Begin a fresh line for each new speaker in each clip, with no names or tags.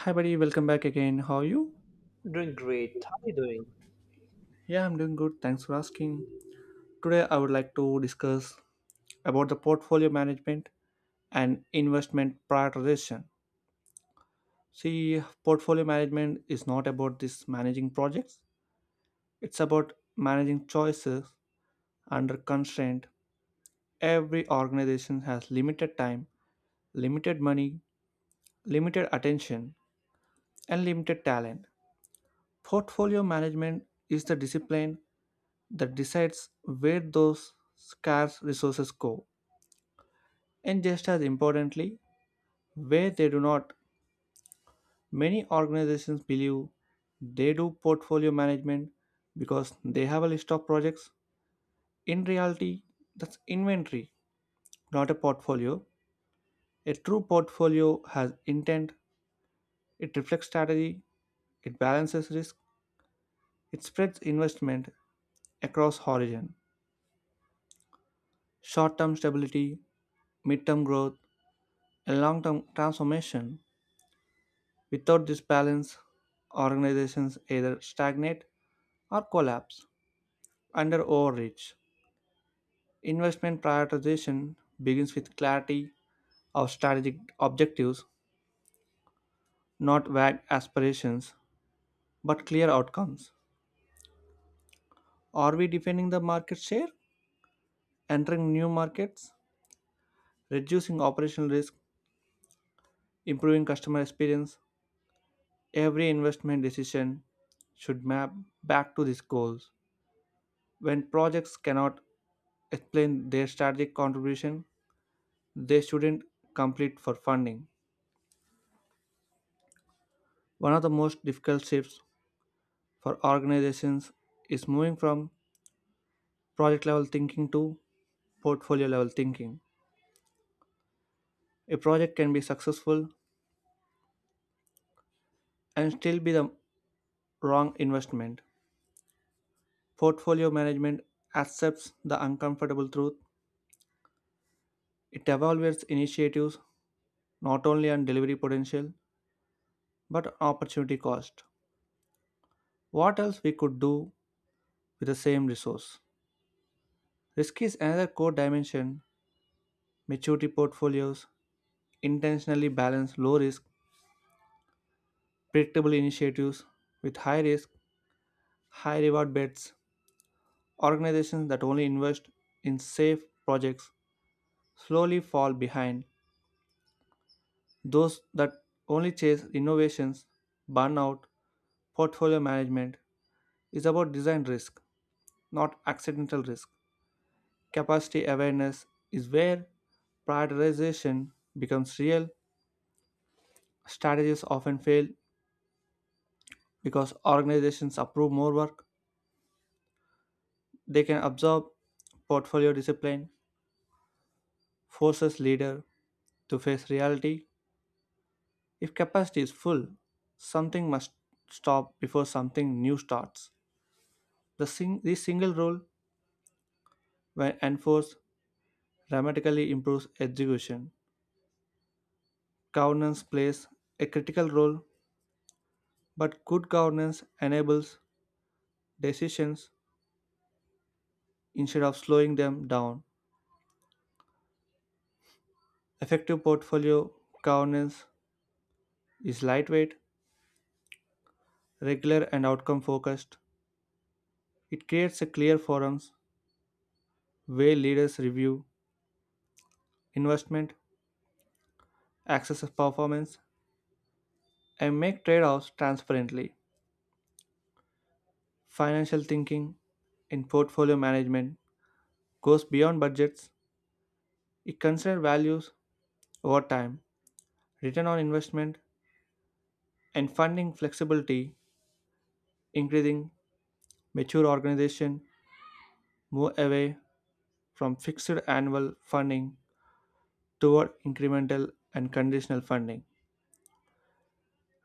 Hi, buddy. Welcome back again. How are you?
Doing great. How are you doing?
Yeah, I'm doing good. Thanks for asking. Today, I would like to discuss about the portfolio management and investment prioritization. See, portfolio management is not about this managing projects. It's about managing choices under constraint. Every organization has limited time, limited money, limited attention, and limited talent. Portfolio management is the discipline that decides where those scarce resources go. And just as importantly, where they do not, many organizations believe they do portfolio management because they have a list of projects. In reality, that's inventory, not a portfolio. A true portfolio has intent, it reflects strategy, it balances risk, it spreads investment across horizon, short-term stability, mid-term growth, and long-term transformation. Without this balance, organizations either stagnate or collapse under overreach. Investment prioritization begins with clarity of strategic objectives, not vague aspirations, but clear outcomes. Are we defending the market share, entering new markets, reducing operational risk, improving customer experience? Every investment decision should map back to these goals. When projects cannot explain their strategic contribution, they shouldn't compete for funding. One of the most difficult shifts for organizations is moving from project level thinking to portfolio level thinking. A project can be successful and still be the wrong investment. Portfolio management accepts the uncomfortable truth. It evaluates initiatives not only on delivery potential but on opportunity cost. What else we could do with the same resource? Risk is another core dimension. Maturity portfolios intentionally balance low risk, predictable initiatives with high risk, high reward bets. Organizations that only invest in safe projects slowly fall behind. Those that only chase innovations burn out. Portfolio management is about design risk, not accidental risk. Capacity awareness is where prioritization becomes real. Strategies often fail because organizations approve more work they can absorb. Portfolio discipline forces leader to face reality. If capacity is full, something must stop before something new starts. This single rule, when enforced, dramatically improves execution. Governance plays a critical role, but good governance enables decisions instead of slowing them down. Effective portfolio governance is lightweight, regular, and outcome focused. It creates a clear forums where leaders review investment, access of performance, and make trade offs transparently. Financial thinking in portfolio management goes beyond budgets, it considers values over time, return on investment, and funding flexibility, increasing mature organizations move away from fixed annual funding toward incremental and conditional funding,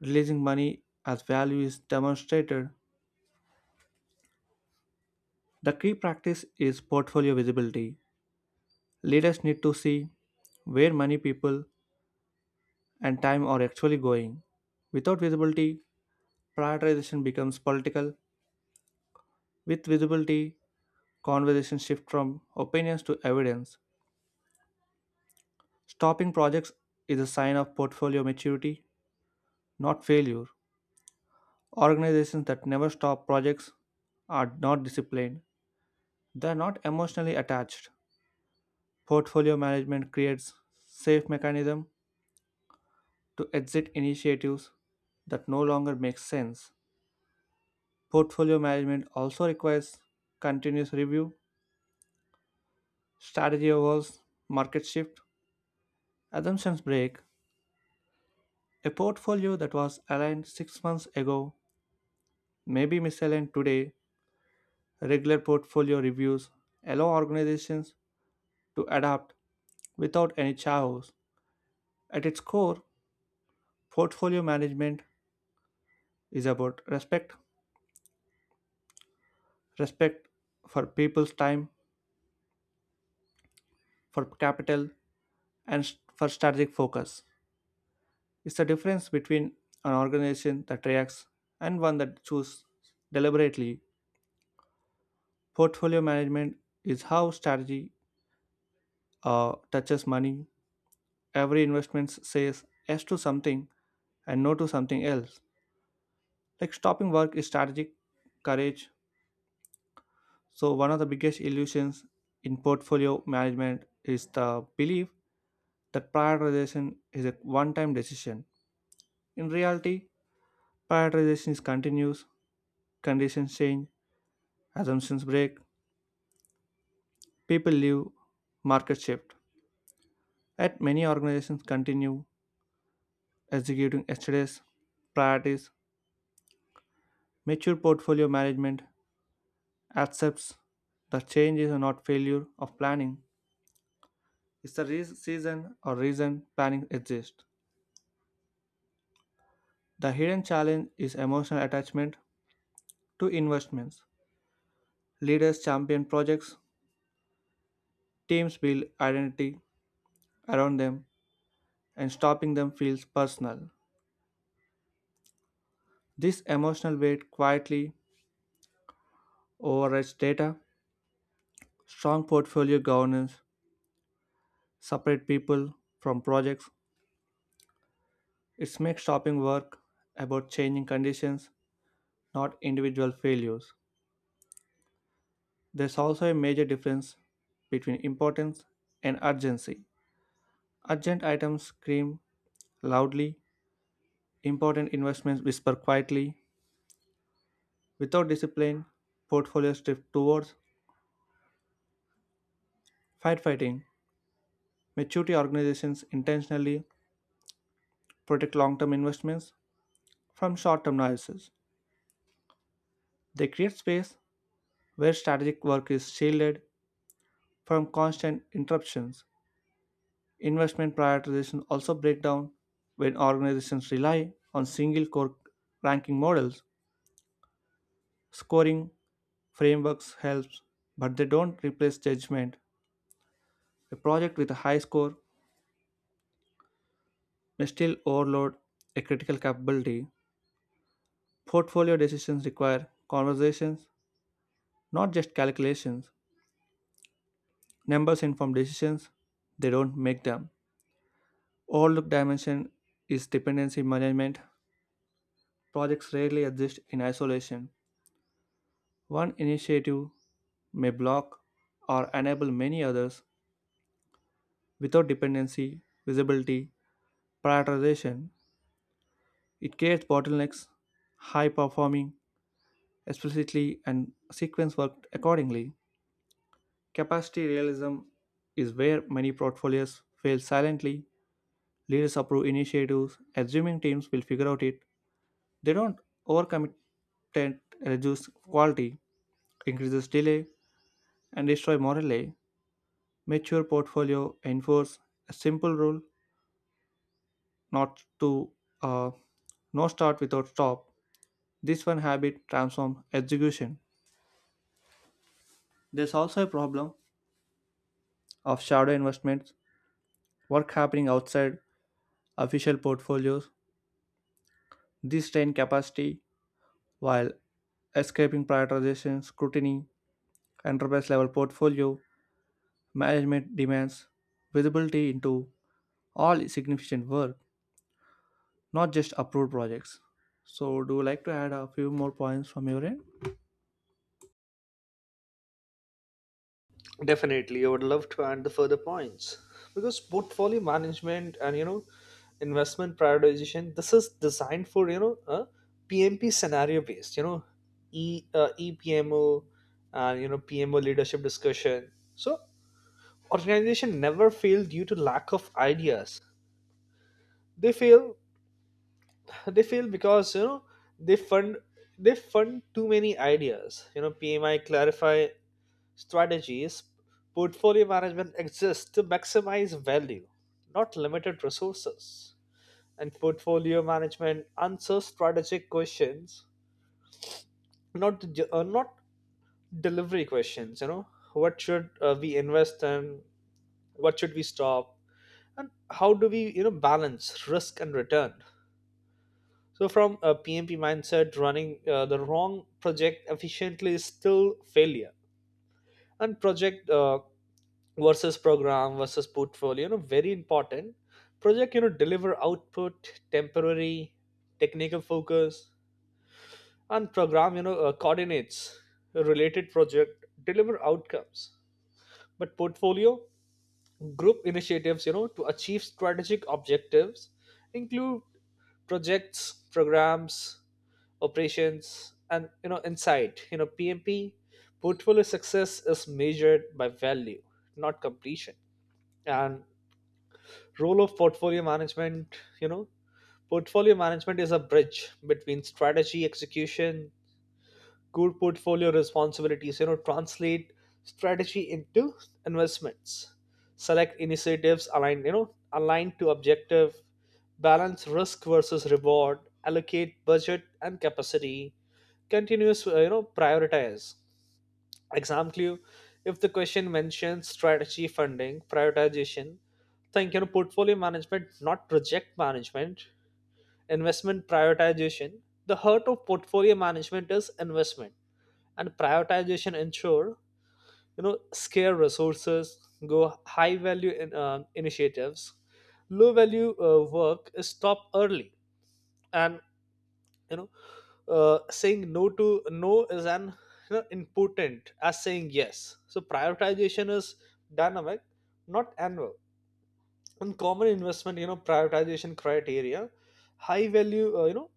releasing money as value is demonstrated. The key practice is portfolio visibility. Let us need to see where money, people, and time are actually going. Without visibility, prioritization becomes political. With visibility, conversations shift from opinions to evidence. Stopping projects is a sign of portfolio maturity, not failure. Organizations that never stop projects are not disciplined. They are not emotionally attached. Portfolio management creates safe mechanism to exit initiatives that no longer make sense. Portfolio management also requires continuous review, strategy evolves, market shift, assumptions break. A portfolio that was aligned 6 months ago may be misaligned today. Regular portfolio reviews allow organizations to adapt without any chaos. At its core, portfolio management is about respect, respect for people's time, for capital, and for strategic focus. It's the difference between an organization that reacts and one that chooses deliberately. Portfolio management is how strategy touches money. Every investment says yes to something and no to something else. Like stopping work is strategic courage. So, one of the biggest illusions in portfolio management is the belief that prioritization is a one time decision. In reality, prioritization is continuous, conditions change, assumptions break, people leave, market shift, yet many organizations continue executing yesterday's priorities. Mature portfolio management accepts that change is not failure of planning. It's the season or reason planning exists. The hidden challenge is emotional attachment to investments. Leaders champion projects, teams build identity around them, and stopping them feels personal. This emotional weight quietly overrides data. Strong portfolio governance separate people from projects. It makes shopping work about changing conditions, not individual failures. There's also a major difference between importance and urgency. Urgent items scream loudly, important investments whisper quietly. Without discipline, portfolios drift towards firefighting. Maturity organizations intentionally protect long term investments from short term noises. They create space where strategic work is shielded from constant interruptions. Investment prioritization also break down when organizations rely on single core ranking models. Scoring frameworks helps, but they don't replace judgment. A project with a high score may still overload a critical capability. Portfolio decisions require conversations, not just calculations. Numbers inform decisions, they don't make them. Overlooked dimension is dependency management. Projects rarely exist in isolation. One initiative may block or enable many others without dependency, visibility, prioritization. It creates bottlenecks, high performing explicitly, and sequence work accordingly. Capacity realism is where many portfolios fail silently. Leaders approve initiatives, assuming teams will figure out it. They don't overcommit, tend reduce quality, increases delay, and destroy morale. Mature portfolio enforce a simple rule, not to uh, no start without stop. This one habit transforms execution. There's also a problem of shadow investments, work happening outside official portfolios. This strain capacity while escaping prioritization scrutiny. Enterprise level portfolio management demands visibility into all significant work, not just approved projects. So do you like to add a few more points from your end?
Definitely, I would love to add the further points because portfolio management and investment prioritization. This is designed for a PMP scenario based. E EPMO and PMO leadership discussion. So organization never fail due to lack of ideas. They fail. They fail because they fund they fund too many ideas. You know PMI clarify strategies, portfolio management exists to maximize value, not limited resources. And portfolio management answers strategic questions, not delivery questions. You know, what should we invest in? What should we stop? And how do we balance risk and return? So from a PMP mindset, running the wrong project efficiently is still failure. And project versus program versus portfolio, very important. Project, deliver output, temporary technical focus. And program, coordinates a related project, deliver outcomes. But portfolio group initiatives, to achieve strategic objectives, include projects, programs, operations, and insight. PMP portfolio success is measured by value, not completion. And role of portfolio management, portfolio management is a bridge between strategy execution. Good portfolio responsibilities, translate strategy into investments, select initiatives aligned you know aligned to objective, balance risk versus reward, allocate budget and capacity, continuous prioritize. Exam clue: if the question mentions strategy funding prioritization, think portfolio management, not project management. Investment prioritization, the heart of portfolio management, is investment. And prioritization ensure, scale resources, go high value initiatives, low value work is stopped early. And you know saying no to no is an, important as saying yes. So prioritization is dynamic, not annual. In common investment, prioritization criteria, high value, uh, you know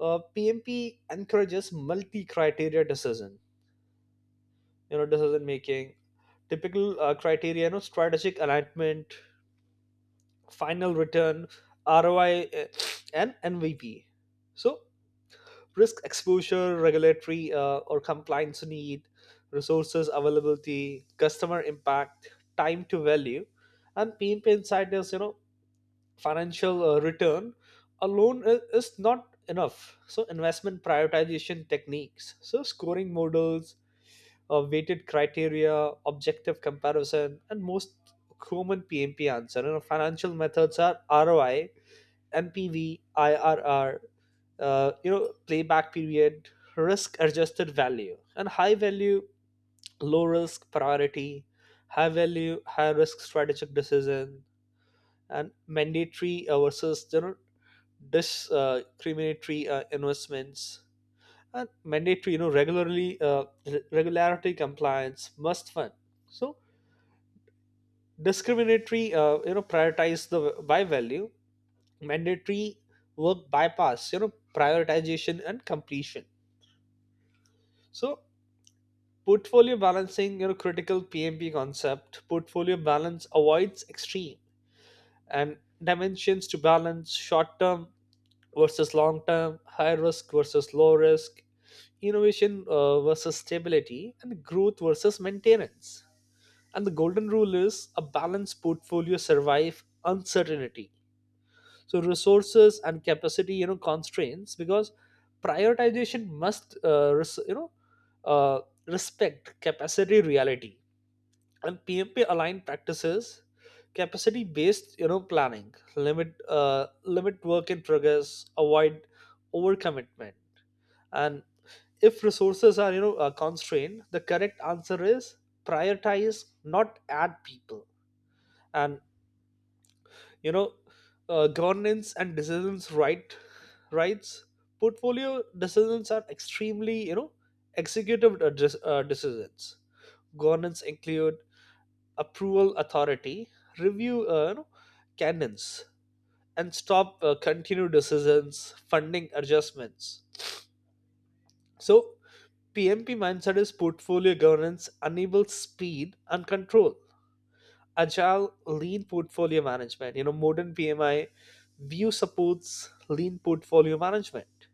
uh, PMP encourages multi criteria decision, decision making. Typical criteria, strategic alignment, final return, ROI, and MVP. So risk exposure, regulatory or compliance need, resources availability, customer impact, time to value. And PNP inside is, financial return alone is not enough. So investment prioritization techniques, so scoring models, weighted criteria, objective comparison, and most common PMP answer. You know, financial methods are ROI, MPV, IRR, playback period, risk adjusted value, and high value, low risk priority, high value, high risk strategic decision, and mandatory versus discriminatory investments. And mandatory, you know, regularity compliance must fund. So discriminatory, prioritize the buy value. Mandatory work bypass prioritization and completion. So portfolio balancing, critical PMP concept, portfolio balance avoids extreme. And dimensions to balance short term versus long term, high risk versus low risk, innovation versus stability, and growth versus maintenance. And the golden rule is a balanced portfolio survive uncertainty. So resources and capacity, constraints because prioritization must uh, respect capacity reality. And PMP aligned practices, capacity based planning, limit uh, limit work in progress, avoid overcommitment. And if resources are, constrained, the correct answer is prioritize, not add people. And you know governance and decisions rights. Portfolio decisions are extremely, executive decisions. Governance include approval authority, review canons, and stop continued decisions, funding adjustments. So PMP mindset is portfolio governance enables speed and control. Agile lean portfolio management, modern PMI view supports lean portfolio management.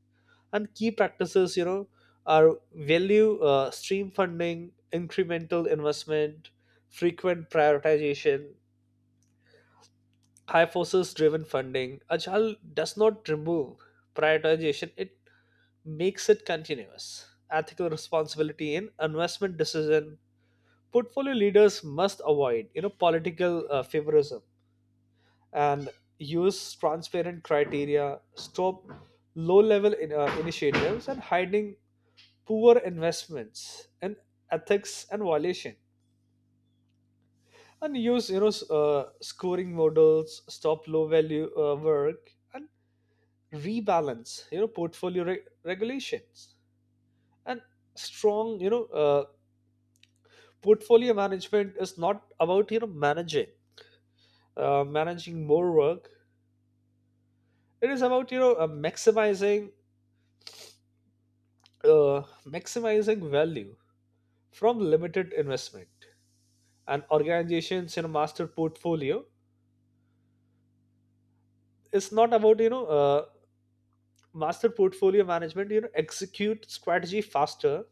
And key practices, are value stream funding, incremental investment, frequent prioritization, high forces driven funding. Agile does not remove prioritization, it makes it continuous. Ethical responsibility in investment decision: portfolio leaders must avoid, political favorism. And use transparent criteria, stop low level initiatives, and hiding poor investments and ethics and violation. And use, scoring models, stop low value work, and rebalance, portfolio regulations. And strong, portfolio management is not about, managing more work. It is about, maximizing value from limited investment. An organization's, master portfolio is not about, master portfolio management. You know execute strategy faster,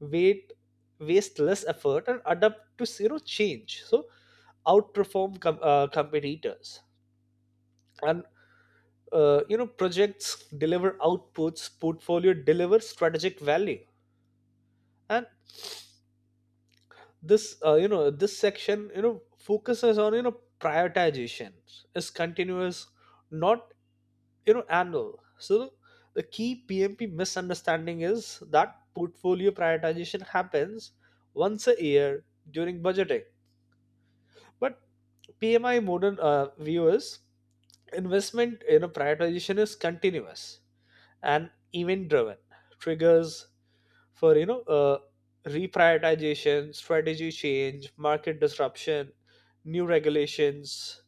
wait waste less effort, and adapt to, change. So outperform competitors. And projects deliver outputs, portfolio deliver strategic value. And this this section, focuses on, prioritization is continuous, not, annual. So the key PMP misunderstanding is that portfolio prioritization happens once a year during budgeting. But PMI modern view is investment, prioritization is continuous and event driven. Triggers for, reprioritization: strategy change, market disruption, new regulations,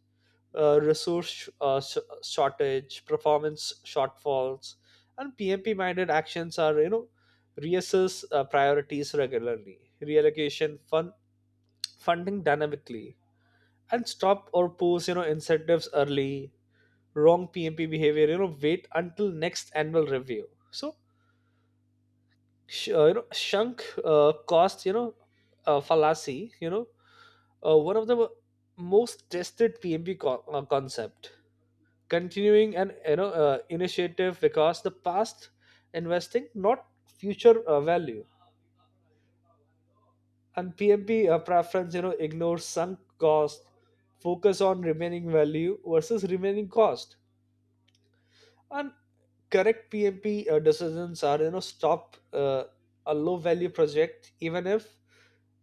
uh, resource sh- uh, sh- shortage, performance shortfalls. And PMP minded actions are, reassess priorities regularly, reallocation fund, funding dynamically, and stop or pause, incentives early. Wrong PMP behavior, wait until next annual review. So sunk cost, fallacy, one of the most tested PMP concept. Continuing an, initiative because the past investing, not future value. And PMP preference, ignores sunk cost, focus on remaining value versus remaining cost. And correct PMP decisions are, stop a low value project even if,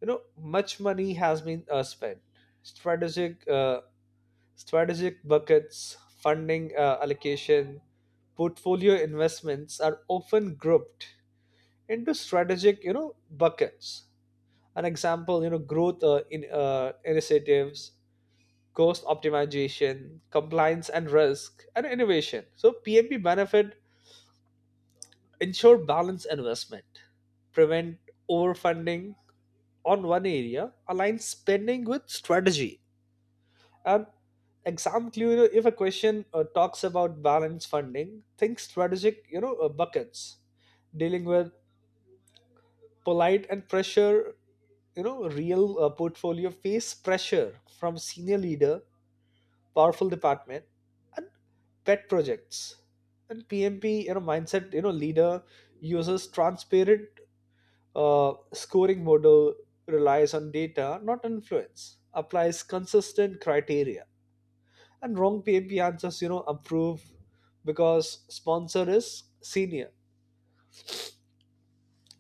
much money has been spent. strategic uh, Strategic buckets funding allocation. Portfolio investments are often grouped into strategic, buckets. An example, growth in initiatives, cost optimization, compliance and risk, and innovation. So PMP benefit: ensure balanced investment, prevent overfunding on one area, align spending with strategy. And exam clue, you know, if a question talks about balanced funding, think strategic, buckets. Dealing with polite and pressure, you know, real portfolio face pressure from senior leader, powerful department, and pet projects. And PMP, you know, mindset, you know, leader uses transparent scoring model, relies on data, not influence, applies consistent criteria. And wrong PMP answers, you know, approve because sponsor is senior.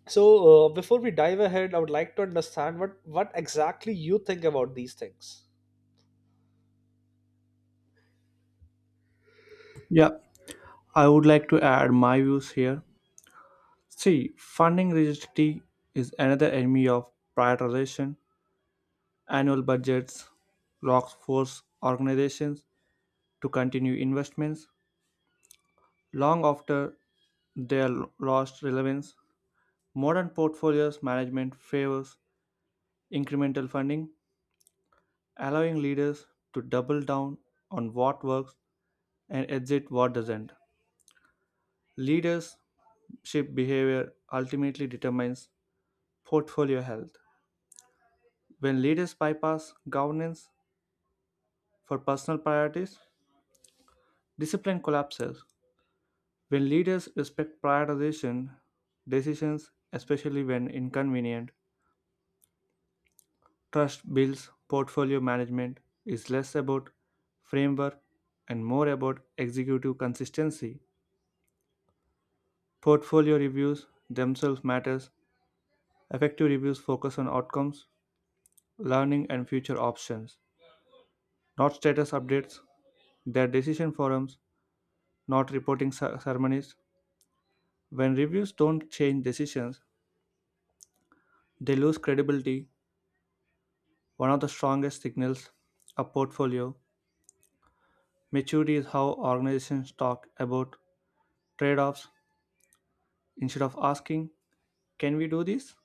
So before we dive ahead, I would like to understand what exactly you think about these things.
Yeah, I would like to add my views here. See, funding rigidity is another enemy of prioritization. Annual budgets locks force organizations to continue investments long after they their lost relevance. Modern portfolios management favors incremental funding, allowing leaders to double down on what works and exit what doesn't. Leadership behavior ultimately determines portfolio health. When leaders bypass governance for personal priorities, discipline collapses. When leaders respect prioritization decisions, especially when inconvenient, trust builds. Portfolio management is less about framework and more about executive consistency. Portfolio reviews themselves matters. Effective reviews focus on outcomes, learning and future options, not status updates. Their decision forums, not reporting ceremonies. When reviews don't change decisions, they lose credibility. One of the strongest signals of portfolio maturity is how organizations talk about trade offs. Instead of asking, "Can we do this?"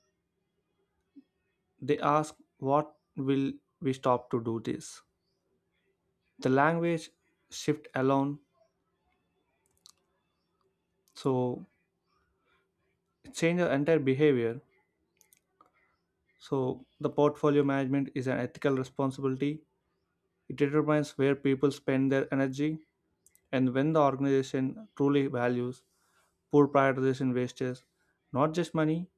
they ask, "What will we stop to do this?" The language shift alone, so it changes the entire behavior. So, the portfolio management is an ethical responsibility. It determines where people spend their energy and when the organization truly values. Poor prioritization wastes not just money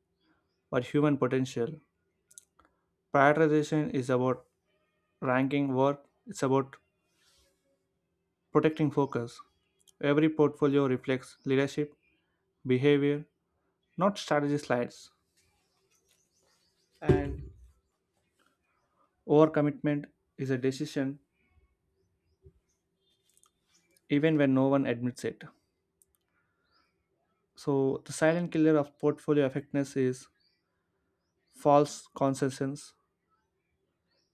but human potential. Prioritization is about ranking work, it's about protecting focus. Every portfolio reflects leadership, behavior, not strategy slides. And overcommitment is a decision even when no one admits it. So, the silent killer of portfolio effectiveness is false consensus.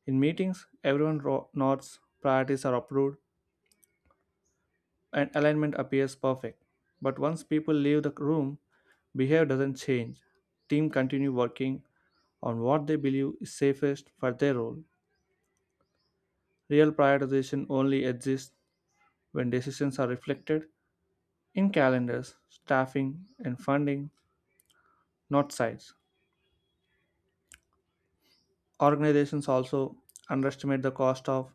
In meetings, everyone nods, priorities are approved, and alignment appears perfect. But once people leave the room, behavior doesn't change. Team continue working on what they believe is safest for their role. Real prioritization only exists when decisions are reflected in calendars, staffing, and funding, not sites. Organizations also underestimate the cost of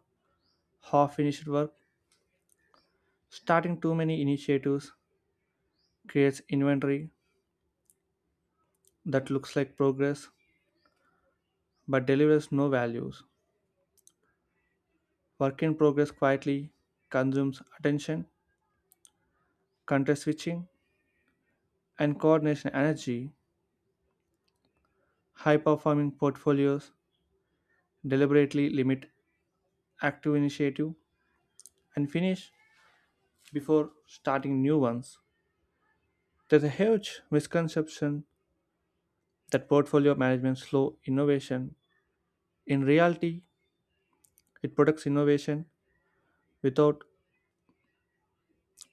half finished work. Starting too many initiatives creates inventory that looks like progress but delivers no values. Work in progress quietly consumes attention, context switching, and coordination energy. High performing portfolios deliberately limit active initiative and finish before starting new ones. There's a huge misconception that portfolio management slows innovation. In reality, it protects innovation without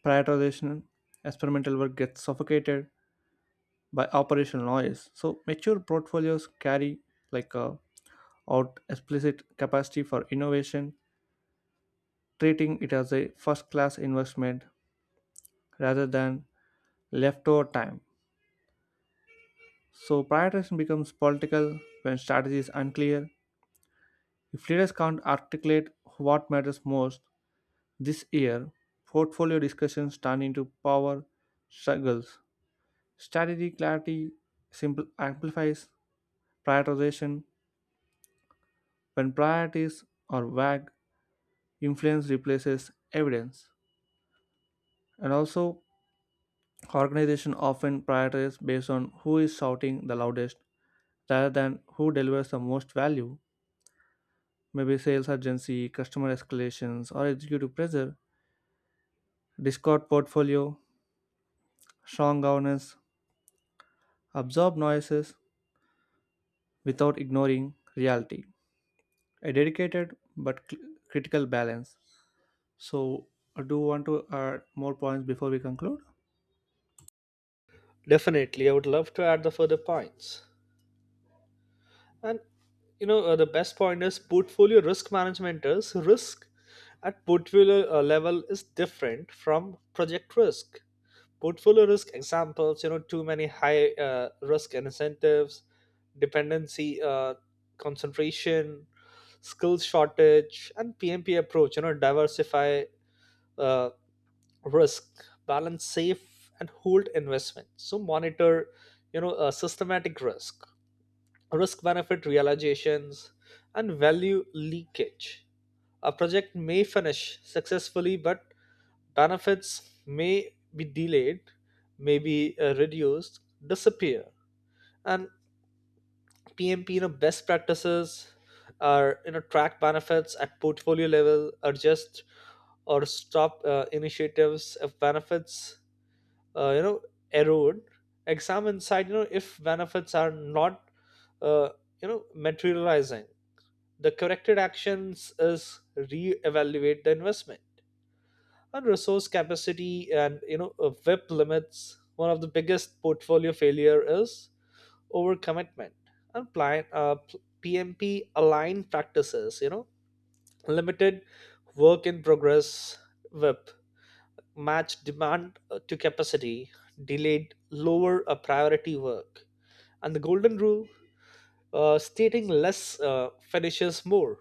prioritization. Experimental work gets suffocated by operational noise. So mature portfolios carry like a out explicit capacity for innovation, treating it as a first class investment rather than leftover time. So, prioritization becomes political when strategy is unclear. If leaders can't articulate what matters most this year, portfolio discussions turn into power struggles. Strategy clarity simple amplifies prioritization when priorities are vague, influence replaces evidence. And also, organizations often prioritize based on who is shouting the loudest rather than who delivers the most value. Maybe sales urgency, customer escalations, or executive pressure. Discord portfolio, strong governance, absorb noises without ignoring reality. A dedicated but critical balance. So, I do you want to add more points before we conclude?
Definitely, I would love to add the further points. And you know, the best point is portfolio risk management is risk at portfolio level is different from project risk. Portfolio risk examples, you know, too many high risk incentives, dependency concentration, skills shortage. And PMP approach, you know, diversify uh, risk, balance safe and hold investment. So monitor, you know, systematic risk, risk benefit realizations, and value leakage. A project may finish successfully, but benefits may be delayed, may be reduced, disappear. And PMP, you know, best practices are, you know, track benefits at portfolio level, adjust or stop initiatives if benefits, uh, you know erode. Examine inside, you know, if benefits are not, uh, materializing. The corrected actions is re-evaluate the investment and resource capacity, and you know, WIP limits. One of the biggest portfolio failure is overcommitment and plan, PMP aligned practices. You know, limited work in progress, WIP, match demand to capacity, delayed lower priority work. And the golden rule, stating less finishes more.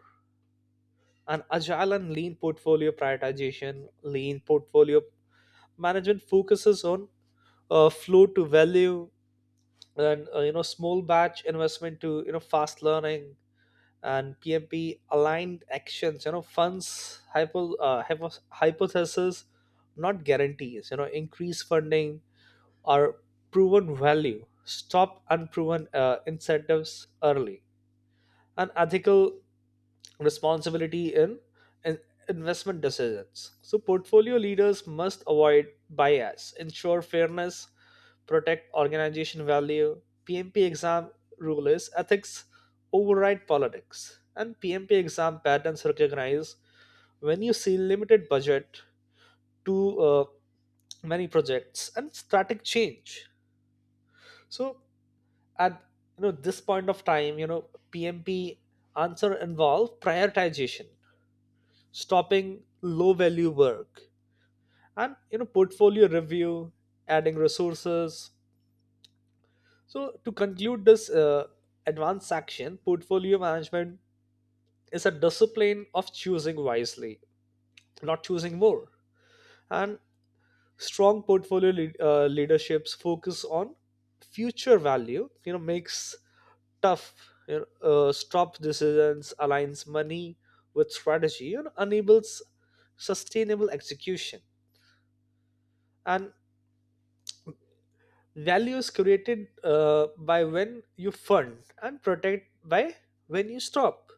An agile and lean portfolio prioritization, lean portfolio management focuses on, flow to value, and, small batch investment to, you know, fast learning. And PMP aligned actions, you know, funds hypothesis, not guarantees, you know, increase funding or proven value, stop unproven incentives early. And ethical responsibility in in- investment decisions. So portfolio leaders must avoid bias, ensure fairness, protect organization value. PMP exam rule is ethics override politics. And PMP exam patterns recognize when you see limited budget to many projects and static change. So at, you know, this point of time, you know, PMP answer involve prioritization, stopping low value work, and, you know, portfolio review, adding resources. So to conclude this advanced section, portfolio management is a discipline of choosing wisely, not choosing more. And strong portfolio leaderships focus on future value, you know, makes tough, stop decisions, aligns money with strategy, and enables sustainable execution. And value is created by when you fund, and protect by when you stop.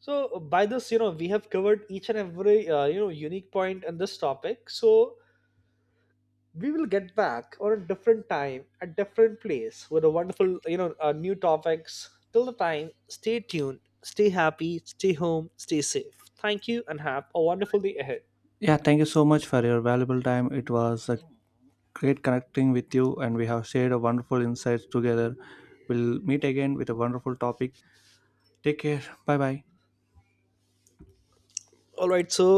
So by this, you know, we have covered each and every, unique point in this topic. So we will get back on a different time, a different place, with a wonderful, new topics. Till the time, stay tuned, stay happy, stay home, stay safe. Thank you and have a wonderful day ahead.
Yeah, thank you so much for your valuable time. It was a great connecting with you, and we have shared a wonderful insights together. We'll meet again with a wonderful topic. Take care. Bye bye.
All right, so